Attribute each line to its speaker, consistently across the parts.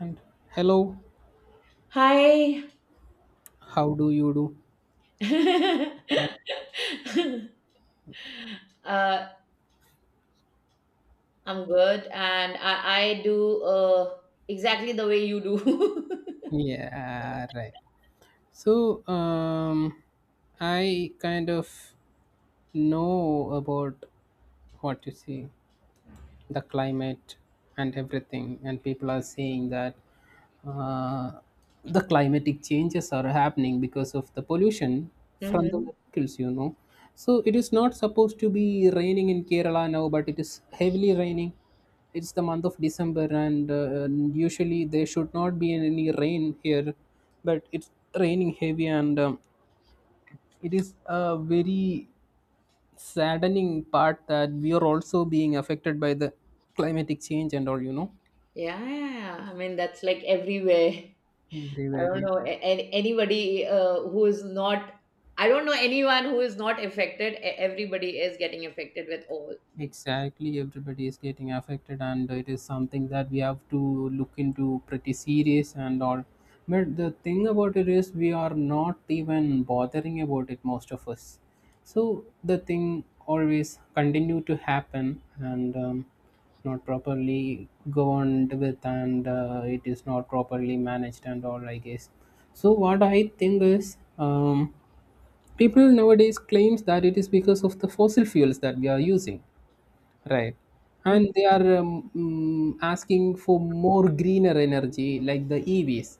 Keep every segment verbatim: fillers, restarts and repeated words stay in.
Speaker 1: And hello,
Speaker 2: Hi.
Speaker 1: how do you do?
Speaker 2: uh, I'm good, and I, I do uh, exactly the way you do.
Speaker 1: Yeah, right. So um I kind of know about what you see. The climate and everything, and people are saying that uh, the climatic changes are happening because of the pollution from the
Speaker 2: Hmm.
Speaker 1: vehicles, you know so it is not supposed to be raining in Kerala now, but it is heavily raining. It's the month of December, and uh, usually there should not be any rain here, but it's raining heavy. And um, it is a very saddening part that we are also being affected by the climatic change and all you know
Speaker 2: Yeah, yeah, yeah. I mean, that's like everywhere.
Speaker 1: they
Speaker 2: I
Speaker 1: were
Speaker 2: don't know a- a- anybody uh, who is not. I don't know anyone who is not affected. E- Everybody is getting affected with all these things.
Speaker 1: Exactly, everybody is getting affected, and it is something that we have to look into pretty serious and all. But the thing about it is, we are not even bothering about it, most of us. So the thing always continue to happen. And um, not properly governed with, and uh, it is not properly managed and all, I guess. So what I think is, um, people nowadays claims that it is because of the fossil fuels that we are using. Right.
Speaker 2: Mhm.
Speaker 1: And they are um, mm, asking for more greener energy like the E Vs.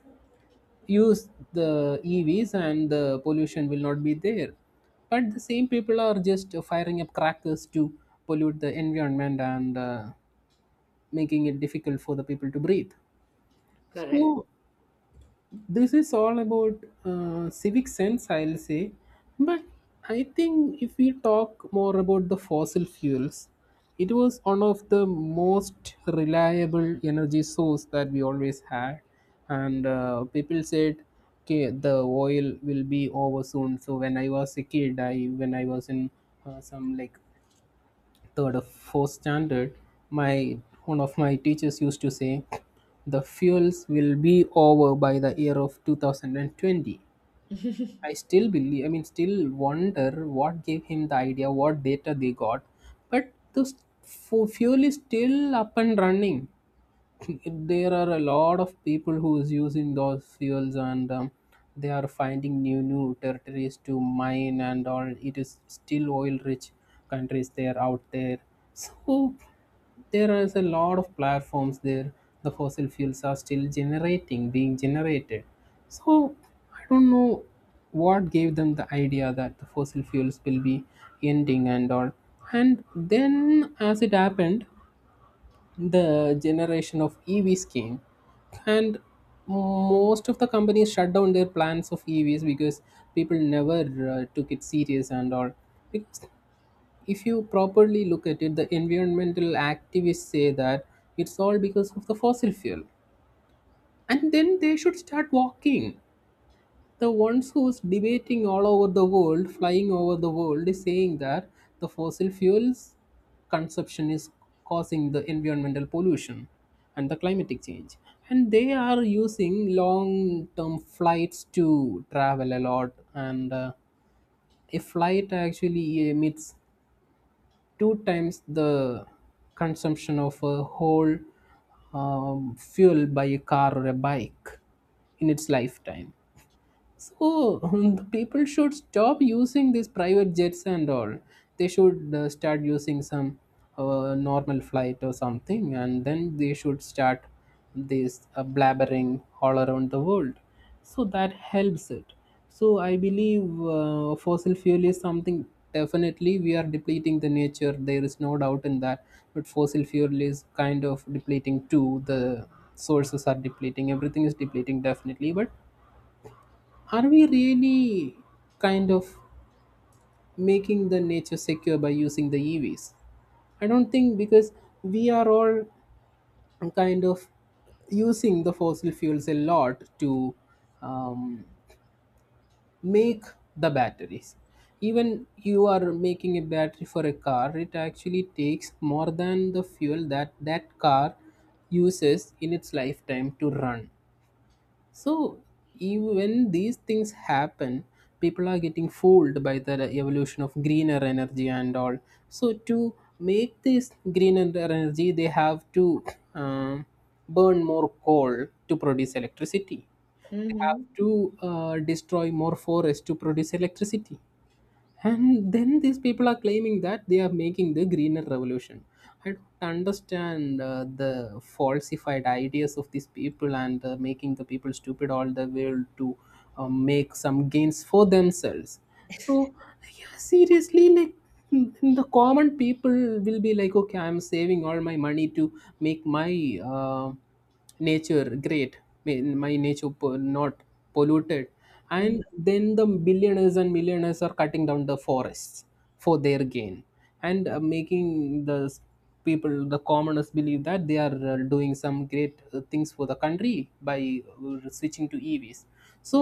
Speaker 1: Use the E Vs and the pollution will not be there. But the same people are just firing up crackers to pollute the environment and uh, making it difficult for the people to breathe.
Speaker 2: Correct.
Speaker 1: So this is all about uh, civic sense, I'll say. But I think if we talk more about the fossil fuels, it was one of the most reliable energy source that we always had. And uh, people said, okay, the oil will be over soon. So when I was a kid, I when I was in uh, some like third or fourth standard, my one of my teachers used to say, "The fuels will be over by the year of two thousand twenty." I still believe, I mean, still wonder what gave him the idea, what data they got. But the s- fu- fuel is still up and running. There are a lot of people who is using those fuels. And um, they are finding new new territories to mine, and all it is still oil rich countries there out there. So there is a lot of platforms there. The fossil fuels are still generating being generated. So I don't know what gave them the idea that the fossil fuels will be ending and all. And then, as it happened, the generation of E Vs came. And most of the companies shut down their plans of E Vs because people never uh, took it serious and all. Because if you properly look at it, the environmental activists say that it's all because of the fossil fuel, and then they should start walking. The ones who's debating all over the world, flying over the world, is saying that the fossil fuels consumption is causing the environmental pollution and the climatic change. And they are using long term flights to travel a lot. And uh, a flight actually emits two times the consumption of a whole um, fuel by a car or a bike in its lifetime. So um, the people should stop using these private jets and all. They should uh, start using some uh, normal flight or something, and then they should start this uh, blabbering all around the world. So that helps it. So I believe uh, fossil fuel is something, definitely we are depleting the nature. There is no doubt in that. But fossil fuel is kind of depleting too. The sources are depleting. Everything is depleting definitely. But are we really kind of making the nature secure by using the E Vs? I don't think, because we are all kind of using the fossil fuels a lot to um, make the batteries. Even you are making a battery for a car, it actually takes more than the fuel that that car uses in its lifetime to run. So even when these things happen, people are getting fooled by the evolution of greener energy and all. So to make this greener energy, they have to um burn more coal to produce electricity. They have
Speaker 2: Hmm.
Speaker 1: to uh, destroy more forest to produce electricity. And then these people are claiming that they are making the greener revolution. I don't understand uh, the falsified ideas of these people, and uh, making the people stupid all the way to uh, make some gains for themselves. So, yeah, seriously, like mm, the common people will be like, okay, I'm saving all my money to make my uh, nature great, May- my nature po- not polluted. And then the billionaires and millionaires are cutting down the forests for their gain, and uh, making the s- people, the commoners, believe that they are uh, doing some great uh, things for the country by uh, switching to E Vs. So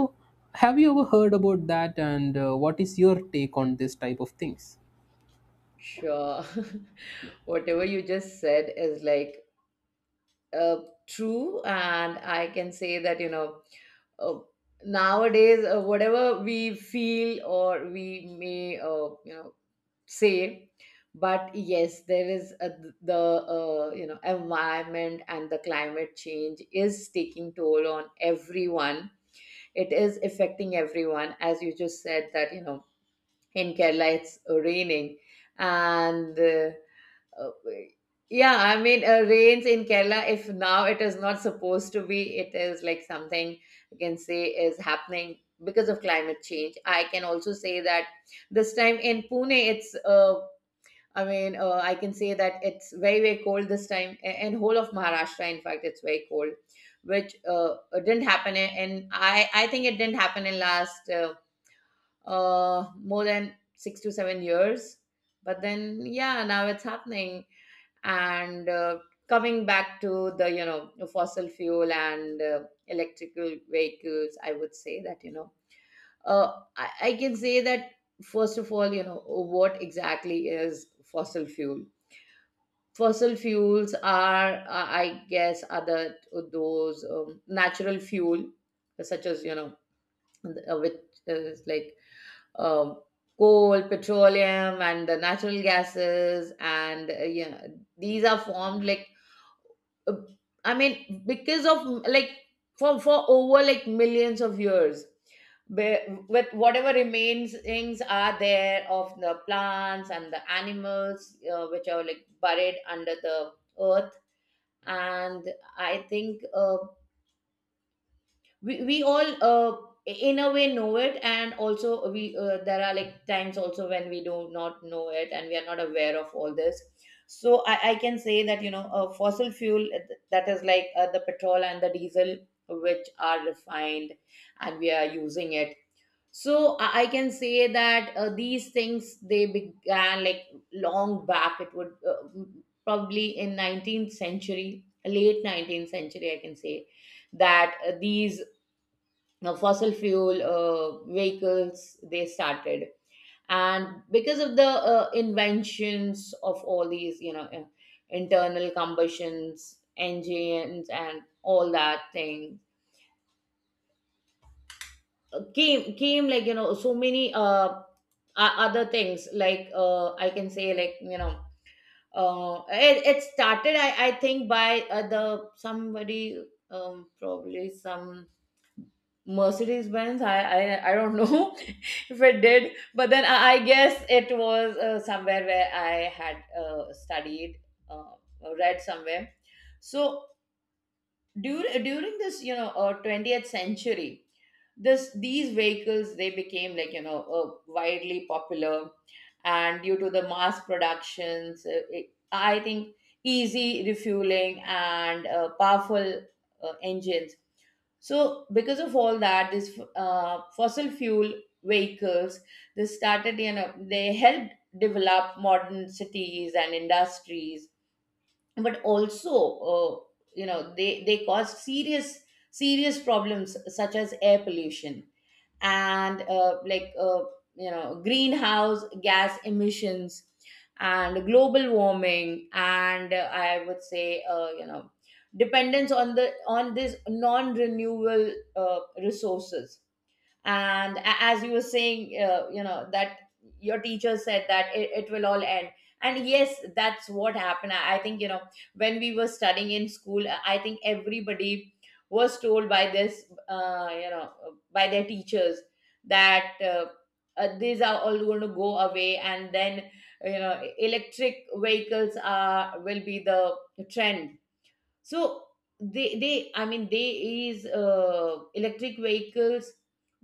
Speaker 1: have you ever heard about that? And uh, what is your take on this type of things?
Speaker 2: Sure. Whatever you just said is like uh, true, and I can say that, you know uh, nowadays, uh, whatever we feel or we may, uh, you know say, but yes, there is a, the uh, you know environment, and the climate change is taking toll on everyone. It is affecting everyone, as you just said, that, you know in Kerala it's raining, and uh, uh, yeah, I mean, uh, rains in Kerala, if now it is not supposed to be, it is like something you can say is happening because of climate change. I can also say that this time in Pune, it's, uh, I mean, uh, I can say that it's very, very cold this time. a- And whole of Maharashtra, in fact, it's very cold, which uh, didn't happen. in- And I, I think it didn't happen in last uh, uh, more than six to seven years. But then, yeah, now it's happening, and uh, coming back to the, you know fossil fuel, and uh, electrical vehicles, I would say that, you know uh, I, I can say that, first of all, you know what exactly is fossil fuel. Fossil fuels are, uh, I guess, are other, uh, those, um, natural fuel, such as, you know uh, which is like, um, coal, petroleum, and the natural gases, and, uh, you know these are formed like, uh, I mean, because of like, for for over like millions of years, where- with whatever remains things are there of the plants and the animals, uh, which are like buried under the earth, and I think, uh, we, we all, uh, in a way know it, and also we, uh, there are like times also when we do not know it, and we are not aware of all this. So i, I can say that, you know uh, fossil fuel, uh, th- that is like, uh, the petrol and the diesel, which are refined and we are using it. So i, I can say that, uh, these things, they began like long back. It would, uh, probably in nineteenth century, late nineteenth century, I can say, that, uh, these, uh, fossil fuel, uh, vehicles, they started, and because of the, uh, inventions of all these, you know uh, internal combustions engines and all that thing, uh, came came like, you know so many, uh, o- other things, like, uh, I can say, like, you know uh, it, it started, I, I think, by uh, the somebody, um, probably some Mercedes Benz. I, I I don't know if it did, but then I, I guess it was, uh, somewhere where I had, uh, studied, uh, read somewhere. So during during this, you know uh, twentieth century, this these vehicles, they became like, you know uh, widely popular, and due to the mass productions, uh, it, I think, easy refueling and, uh, powerful, uh, engines. So because of all that, this, uh, fossil fuel vehicles, they started, you know they helped develop modern cities and industries, but also, uh, you know they they caused serious serious problems, such as air pollution, and, uh, like uh, you know greenhouse gas emissions, and global warming, and, uh, I would say, uh, you know dependence on the on this non renewable uh, resources. And a- as you were saying, uh, you know that your teacher said that it, it will all end, and yes, that's what happened, I, I think. You know when we were studying in school, i I think everybody was told by this, uh, you know by their teachers, that, uh, uh, these are all going to go away, and then, you know electric vehicles are will be the trend. So they they I mean, they is uh, electric vehicles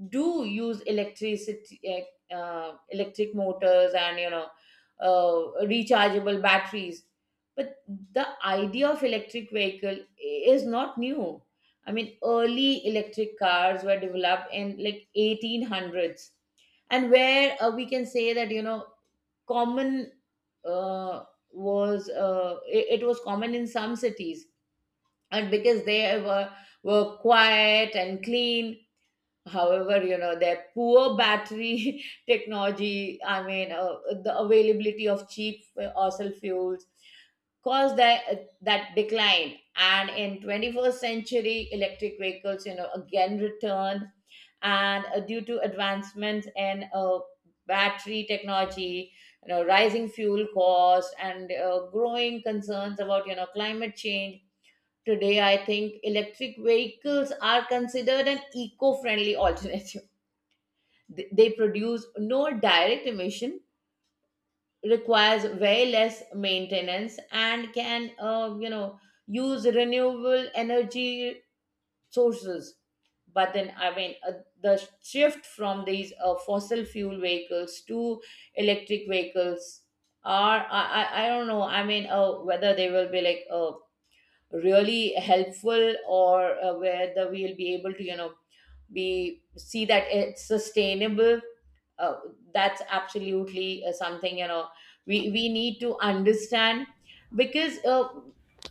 Speaker 2: do use electricity, uh, uh, electric motors, and, you know uh, rechargeable batteries. But the idea of electric vehicle is not new. I mean, early electric cars were developed in like eighteen hundreds, and where, uh, we can say that, you know common, uh, was uh, it, it was common in some cities, and because they were were quiet and clean. However, you know their poor battery technology, I mean, uh, the availability of cheap fossil fuels caused that that decline, and in twenty-first century electric vehicles, you know again returned, and, uh, due to advancements in, uh, battery technology, you know rising fuel costs, and, uh, growing concerns about, you know climate change. Today, I think electric vehicles are considered an eco friendly alternative. Th- They produce no direct emission, requires way less maintenance, and can, uh, you know, use renewable energy sources. But then, I mean, uh, the shift from these, uh, fossil fuel vehicles to electric vehicles are, I, I, I don't know, I mean, uh, whether they will be like, uh, really helpful, or, uh, where the we'll be able to, you know be see that it's sustainable, uh, that's absolutely, uh, something, you know we we need to understand, because, uh,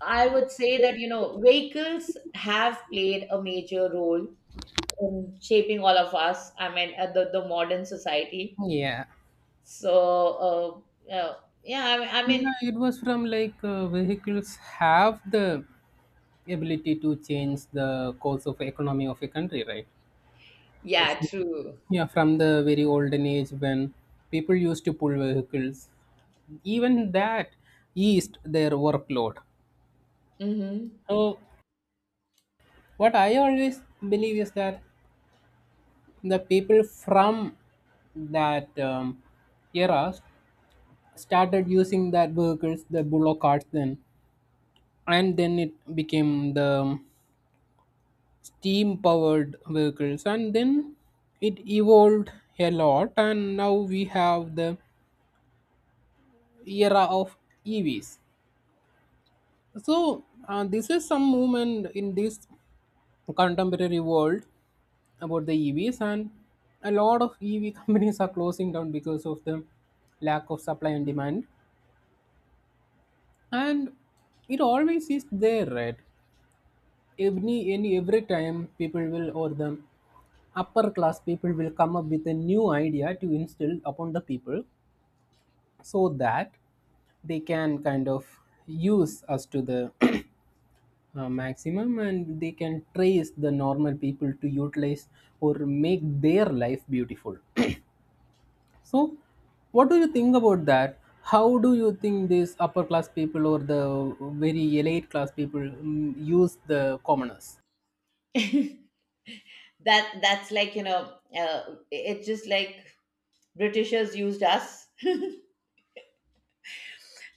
Speaker 2: I would say that, you know vehicles have played a major role in shaping all of us. I mean, uh, the, the modern society.
Speaker 1: Yeah.
Speaker 2: So, uh, uh, yeah, I, I mean.
Speaker 1: Yeah, it was from like, uh, vehicles have the ability to change the course of economy of a country, right? Yes.
Speaker 2: Yeah, true.
Speaker 1: Yeah, from the very olden age when people used to pull vehicles, even that eased their workload.
Speaker 2: Hmm.
Speaker 1: So, what I always believe is that the people from that um, era started using that vehicles, the bullock carts. Then, and then it became the steam powered vehicles. And then it evolved a lot. And now we have the era of E Vs. So uh, this is some movement in this contemporary world about the E Vs. And a lot of E V companies are closing down because of the lack of supply and demand. And it always is there, right? Every any every time people will, or them upper class people, will come up with a new idea to instill upon the people, so that they can kind of use us to the uh, maximum, and they can trace the normal people to utilize or make their life beautiful. So what do you think about that? How do you think these upper class people or the very elite class people mm, use the commoners?
Speaker 2: That that's like, you know uh, it's just like Britishers used us.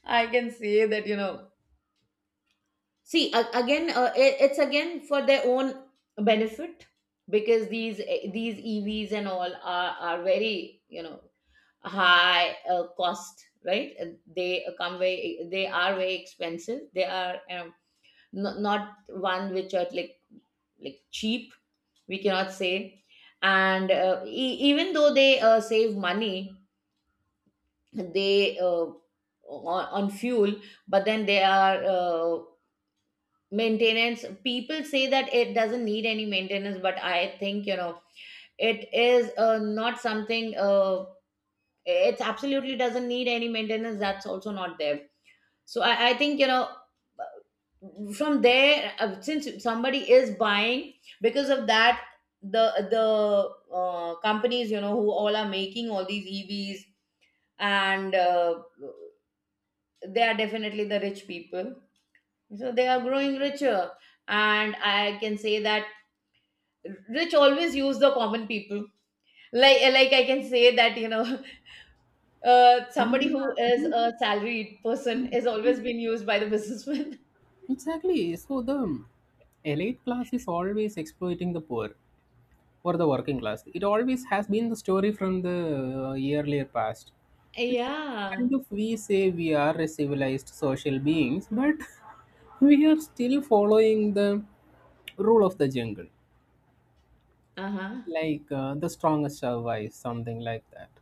Speaker 2: I can say that, you know see, a- again, uh, it, it's again for their own benefit, because these eh, these EVs and all are are very, you know high, uh, cost, right? And they come very they are very expensive. They are, um, not, not one which are, like like cheap, we cannot say. And, uh, e- even though they, uh, save money, they, uh, on, on fuel, but then they are, uh, maintenance, people say that it doesn't need any maintenance, but I think, you know it is, uh, not something, uh, it absolutely doesn't need any maintenance, that's also not there. So i, I think, you know from there, uh, since somebody is buying, because of that, the the uh, companies, you know who all are making all these EVs, and, uh, they are definitely the rich people, so they are growing richer. And I can say that rich always use the common people, like like, I can say that, you know uh,
Speaker 1: நீங்க
Speaker 2: somebody who is a salaried person is always being used by the businessman.
Speaker 1: Exactly. So the elite class is always exploiting the poor or the working class. It always has been the story from the uh, earlier past. It's kind
Speaker 2: Yeah.
Speaker 1: of, we say we are a civilized social beings, but we are still following the rule of the jungle,
Speaker 2: Uh-huh.
Speaker 1: like uh, the strongest survives, something like that.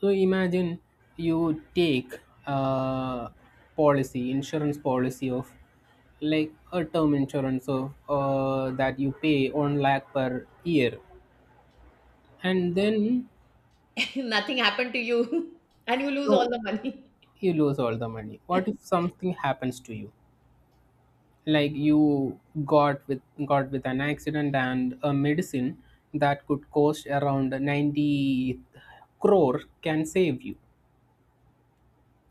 Speaker 1: So imagine you take a policy, insurance policy of, like, a term insurance of uh, that you pay one lakh per year. And then
Speaker 2: Nothing happened to you and you lose all
Speaker 1: no,
Speaker 2: the money.
Speaker 1: you lose all the money. What if something happens to you? Like you got with got with an accident, and a medicine that could cost around ninety crore can save you.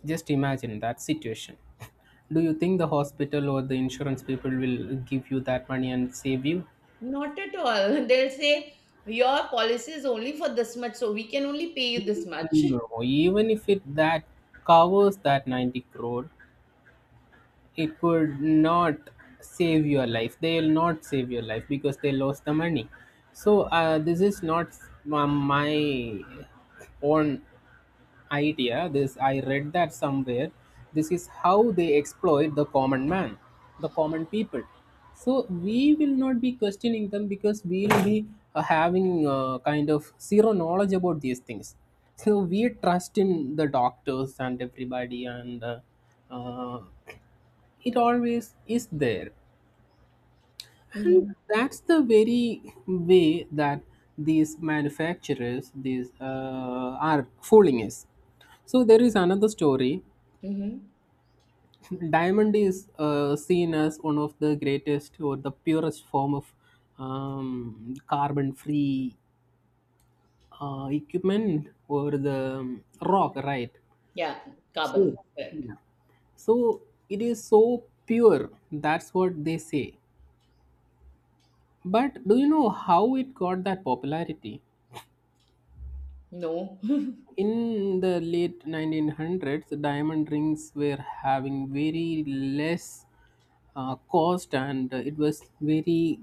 Speaker 1: Just imagine that situation. Do you think the hospital or the insurance people will give you that money and save you?
Speaker 2: Not at all. They'll say your policy is only for this much, so we can only pay you this much.
Speaker 1: No, even if it that covers that ninety crore, it could not save your life. They will not save your life because they lost the money. So uh, this is not um, my own idea. This I read that somewhere. This is how they exploit the common man, the common people. So we will not be questioning them because we will be uh, having uh, kind of zero knowledge about these things. So we trust in the doctors and everybody. And uh, uh, it always is there. And
Speaker 2: Hmm.
Speaker 1: that's the very way that these manufacturers, these uh, are fooling us. So there is another story.
Speaker 2: Hmm.
Speaker 1: Diamond is uh, seen as one of the greatest or the purest form of um, carbon free uh, equipment or the um, rock, right?
Speaker 2: Yeah, carbon.
Speaker 1: So yeah. So it is so pure, that's what they say. But do you know how it got that popularity?
Speaker 2: No.
Speaker 1: In the late nineteen hundreds, diamond rings were having very less uh, cost, and uh, it was very,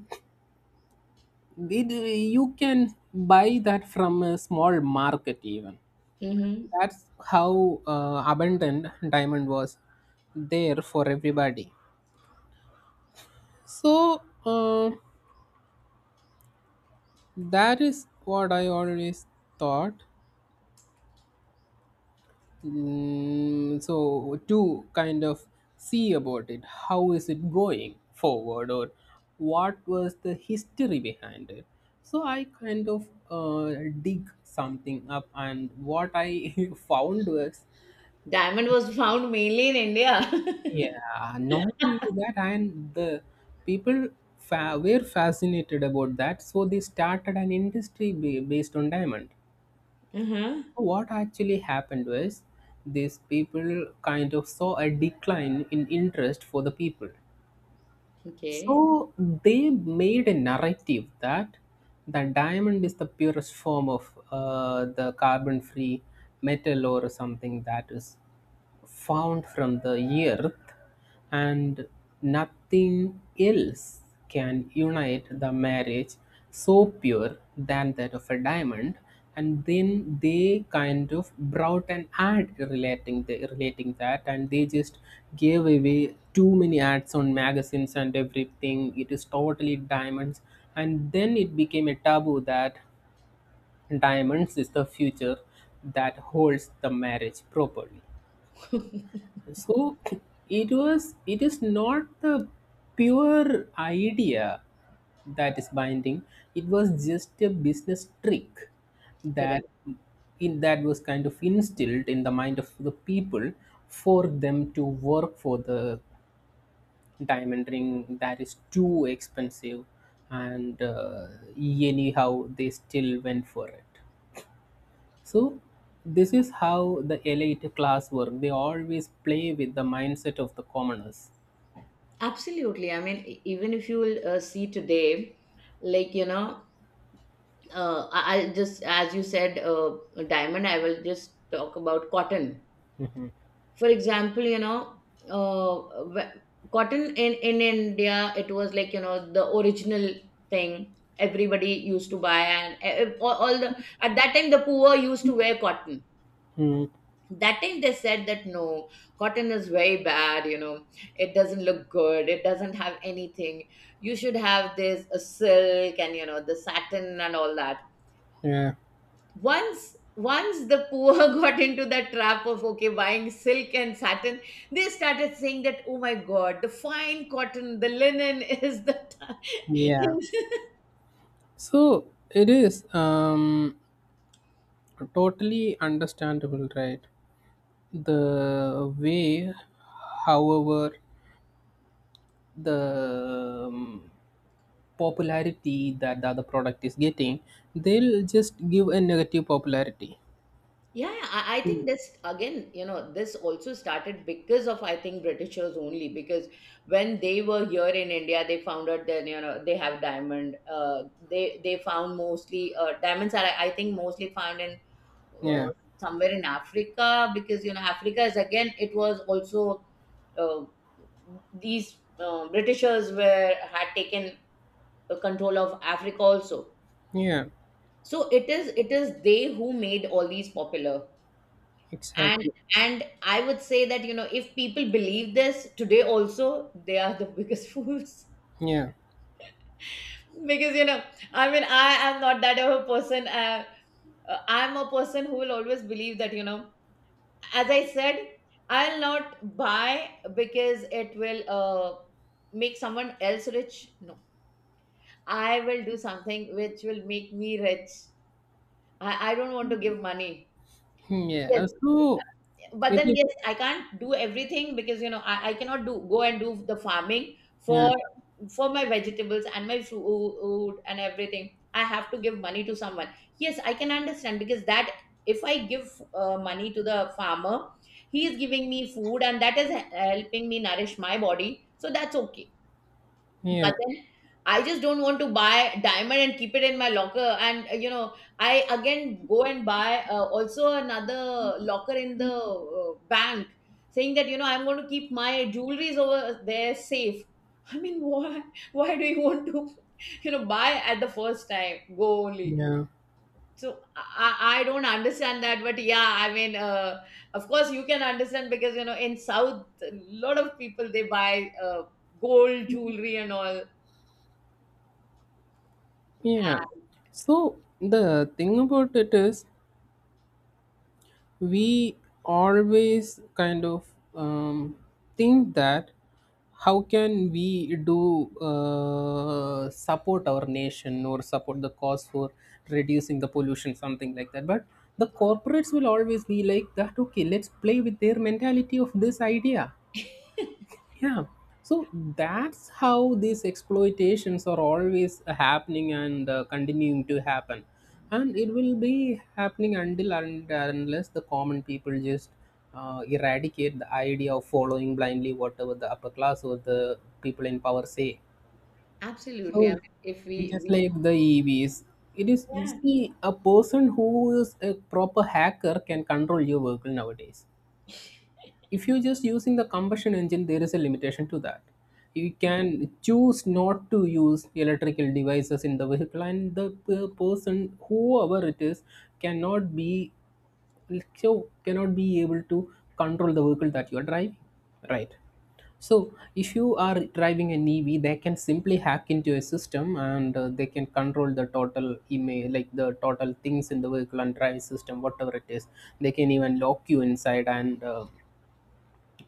Speaker 1: it, you can buy that from a small market even.
Speaker 2: Hmm.
Speaker 1: That's how uh, abundant diamond was there for everybody. So uh, that is what I always thought. Mm, so to kind of see about it, how is it going forward, or what was the history behind it? So I kind of uh, dig something up, and what I found was,
Speaker 2: Diamond was found mainly in India.
Speaker 1: yeah, not only that. And the people fa- were fascinated about that, so they started an industry ba- based on diamond.
Speaker 2: Uh-huh.
Speaker 1: So what actually happened was, these people kind of saw a decline in interest for the people.
Speaker 2: Okay.
Speaker 1: So they made a narrative that the diamond is the purest form of uh, the carbon free metal or something that is found from the earth, and nothing else can unite the marriage so pure than that of a diamond. And then they kind of brought an ad relating the, relating that. And they just gave away too many ads on magazines and everything. It is totally diamonds, and then it became a taboo that diamonds is the future that holds the marriage properly. So it was it is not the pure idea that is binding. It was just a business trick that
Speaker 2: Correct.
Speaker 1: in that was kind of instilled in the mind of the people for them to work for the diamond ring that is too expensive and uh, anyhow they still went for it, so this is how the elite class work. They always play with the mindset of the commoners.
Speaker 2: Absolutely. I mean, e- even if you will, uh, see today, like, you know, uh, I- I'll just, as you said, uh, diamond, I will just talk about cotton. For example, you know, uh, wh- cotton in, in India, it was like, you know, the original thing everybody used to buy, and, uh, all all the, at that time, the poor used to wear cotton.
Speaker 1: Hmm.
Speaker 2: That time they said that no, cotton is very bad, you know it doesn't look good, it doesn't have anything, you should have this, uh, silk, and, you know the satin, and all that.
Speaker 1: Yeah.
Speaker 2: Once once the poor got into that trap of, okay, buying silk and satin, they started saying that, oh my god, the fine cotton, the linen is the
Speaker 1: Yeah. So it is um, totally understandable, right? The way, however, the um, popularity that the other product is getting, they'll just give a negative popularity.
Speaker 2: Yeah, I, I
Speaker 1: Hmm.
Speaker 2: think this again, you know, this also started because of, I think, Britishers only, because when they were here in India, they found out that, you know they have diamond. Uh, they they found mostly, uh, diamonds are, I think, mostly found in, uh,
Speaker 1: Yeah.
Speaker 2: somewhere in Africa, because, you know, Africa is again, it was also, uh, these, uh, Britishers were had taken, uh, control of Africa also.
Speaker 1: Yeah.
Speaker 2: So it is it is they who made all these popular, and
Speaker 1: Exactly.
Speaker 2: and I would say that, you know, if people believe this today also, they are the biggest fools,
Speaker 1: Yeah.
Speaker 2: because, you know, I mean, I am not that of a person, uh, uh, I'm a person who will always believe that, you know, as I said, I'll not buy because it will, uh, make someone else rich. No, I will do something which will make me rich. I, I don't want to give money.
Speaker 1: Hmm. Yeah.
Speaker 2: Yes,
Speaker 1: uh, So
Speaker 2: but
Speaker 1: it
Speaker 2: then
Speaker 1: is.
Speaker 2: yes, I can't do everything, because, you know, i, I cannot do go and do the farming,
Speaker 1: Yeah.
Speaker 2: for for my vegetables and my food and everything. I have to give money to someone. Yes, I can understand, because that, if I give, uh, money to the farmer, he is giving me food, and that is helping me nourish my body, so that's okay.
Speaker 1: Yeah,
Speaker 2: But then I just don't want to buy diamond and keep it in my locker, and, uh, you know I again go and buy, uh, also another locker in the, uh, bank, saying that, you know I'm going to keep my jewelries over there safe. I mean, why why do you want to, you know buy at the first time, go only.
Speaker 1: yeah,
Speaker 2: So i, I don't understand that, but yeah, I mean, uh, of course you can understand, because, you know, in south a lot of people they buy, uh, gold jewelry and all.
Speaker 1: yeah.
Speaker 2: Yeah,
Speaker 1: So the thing about it is, we always kind of um, think that how can we do uh, support our nation or support the cause for reducing the pollution, something like that. But the corporates will always be like that. Okay, let's play with their mentality of this idea. Yeah. So that's how these exploitations are always happening and uh, continuing to happen. And it will be happening until and unless the common people just uh, eradicate the idea of following blindly whatever the upper class or the people in power say.
Speaker 2: absolutely. I
Speaker 1: So,
Speaker 2: mean, if we
Speaker 1: just
Speaker 2: we
Speaker 1: like the E Vs, it is
Speaker 2: Yeah.
Speaker 1: easy. A person who is a proper hacker can control your vehicle nowadays. If you're just using the combustion engine, there is a limitation to that. You can choose not to use electrical devices in the vehicle, and the p- person, whoever it is, cannot be, so cannot be able to control the vehicle that you are driving, right? So if you are driving an EV, they can simply hack into a system, and uh, they can control the total email, like the total things in the vehicle and drive system, whatever it is. They can even lock you inside and uh,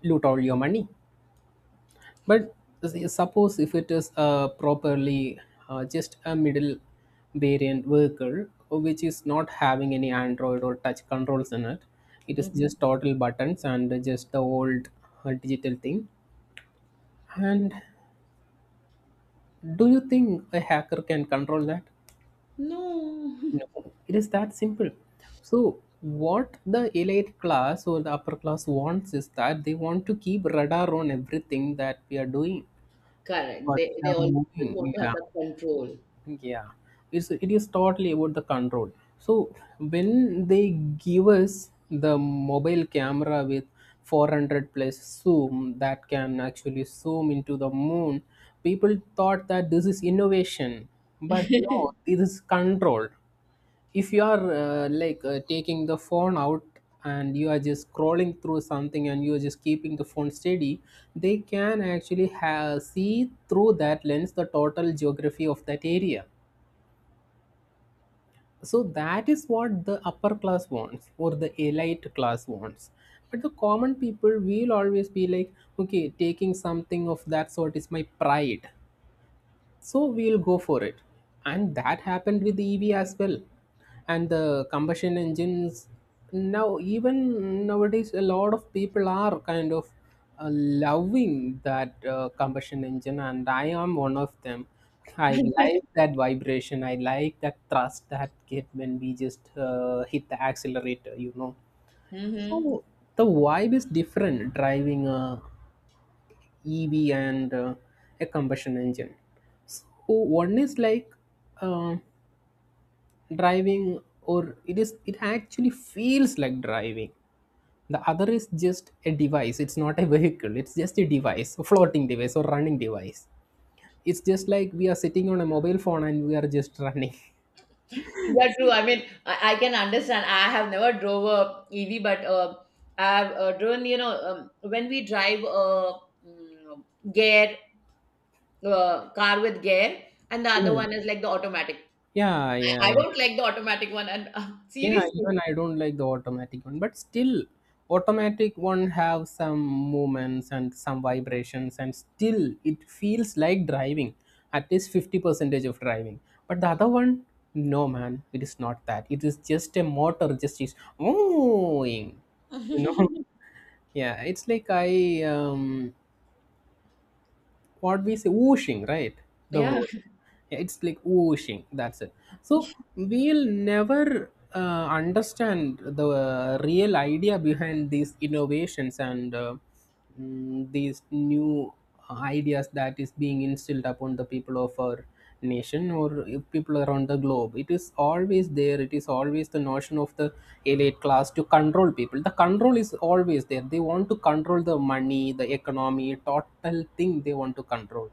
Speaker 1: loot all your money. But suppose if it is uh, properly, uh, just a middle variant vehicle which is not having any Android or touch controls in it, it is
Speaker 2: Mhm.
Speaker 1: just total buttons and just the old uh, digital thing. And do you think a hacker can control that?
Speaker 2: No.
Speaker 1: No, it is that simple. So, what the elite class or the upper class wants is that they want to keep radar on everything that we are doing,
Speaker 2: Correct.
Speaker 1: what
Speaker 2: They
Speaker 1: we
Speaker 2: they
Speaker 1: are
Speaker 2: always want
Speaker 1: moving.
Speaker 2: to have
Speaker 1: Yeah,
Speaker 2: that control.
Speaker 1: yeah, it's it is totally about the control. So when they give us the mobile camera with four hundred plus zoom that can actually zoom into the moon, people thought that this is innovation, but no, this is control. If you are uh, like, uh, taking the phone out and you are just scrolling through something and you are just keeping the phone steady, they can actually ha- see through that lens the total geography of that area. So that is what the upper class wants or the elite class wants. But the common people will always be like, okay, taking something of that sort is my pride, so we'll go for it. And that happened with the EV as well, and the combustion engines. Now even nowadays a lot of people are kind of uh, loving that uh, combustion engine, and I am one of them. I like that vibration, I like that thrust that get when we just uh, hit the accelerator, you know.
Speaker 2: Hmm.
Speaker 1: So the vibe is different driving a E V and uh, a combustion engine. So one is like uh, driving, or it is it actually feels like driving. The other is just a device. It's not a vehicle. It's just a device, a floating device or running device. It's just like we are sitting on a mobile phone and we are just running.
Speaker 2: Yeah, true. I mean, I, I can understand. I have never drove a E V, but, uh, I've, uh, driven. You know, um, when we drive a, mm, gear, uh, car with gear, and the other
Speaker 1: Yeah.
Speaker 2: one is like the automatic.
Speaker 1: Yeah, yeah.
Speaker 2: I, I don't like the automatic one. And, uh,
Speaker 1: Yeah,
Speaker 2: seriously,
Speaker 1: even I don't like the automatic one, but still, automatic one have some movements and some vibrations, and still it feels like driving, at least fifty percentage of driving. But the other one, no man, it is not that. It is just a motor, just is oohing, you know. Yeah, it's like I um what we say whooshing, right? The
Speaker 2: yeah.
Speaker 1: word. Yeah, it's like whooshing, that's it. So we'll never uh, understand the uh, real idea behind these innovations and uh, mm, these new uh, ideas that is being instilled upon the people of our nation or people around the globe. It is always there, it is always the notion of the elite class to control people. The control is always there. They want to control the money, the economy, total thing they want to control.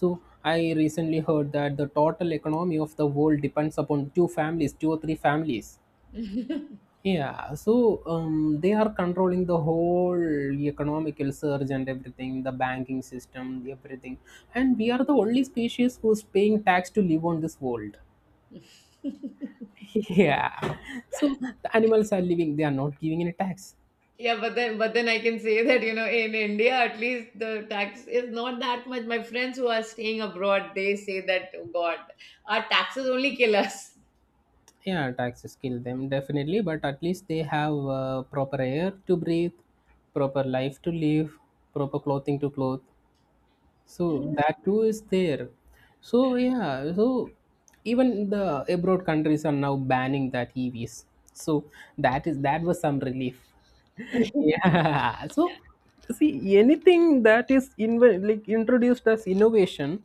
Speaker 1: So I recently heard that the total economy of the world depends upon two families, two or three families. Yeah, so um, they are controlling the whole economical surge and everything, the banking system, everything. And we are the only species who's paying tax to live on this world. Yeah. So the animals are living, they are not giving any tax.
Speaker 2: Yeah, but then but then I can say that, you know, in India at least the tax is not that much. My friends who are staying abroad, they say that, "Oh God, our taxes only kill us."
Speaker 1: Yeah, taxes kill them definitely, but at least they have uh, proper air to breathe, proper life to live, proper clothing to clothe. So that too is there. So yeah, so even the abroad countries are now banning that E Vs. So that is that was some relief. Yeah. So see anything that is inv- like introduced as innovation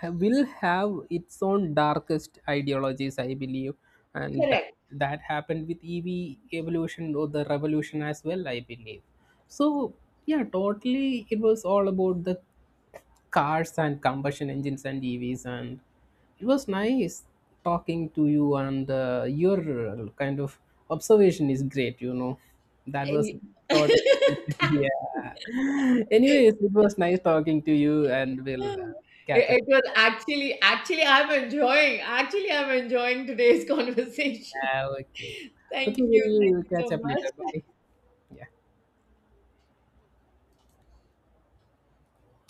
Speaker 1: ha- will have its own darkest ideologies, I believe, and that
Speaker 2: Correct.
Speaker 1: that happened with E V evolution or the revolution as well, I believe. So yeah, totally, it was all about the cars and combustion engines and E Vs, and it was nice talking to you and uh, your uh, kind of observation is great, you know. That was
Speaker 2: I-
Speaker 1: thought.
Speaker 2: Thank you.
Speaker 1: Yeah. Anyways, it was nice talking to you and we'll uh, catch up.
Speaker 2: It, it was actually actually, I'm enjoying actually I'm enjoying today's conversation.
Speaker 1: Ah, okay. Okay,
Speaker 2: Thank you. Thank
Speaker 1: we'll
Speaker 2: you
Speaker 1: catch
Speaker 2: so
Speaker 1: up later.
Speaker 2: much.
Speaker 1: Bye. Yeah.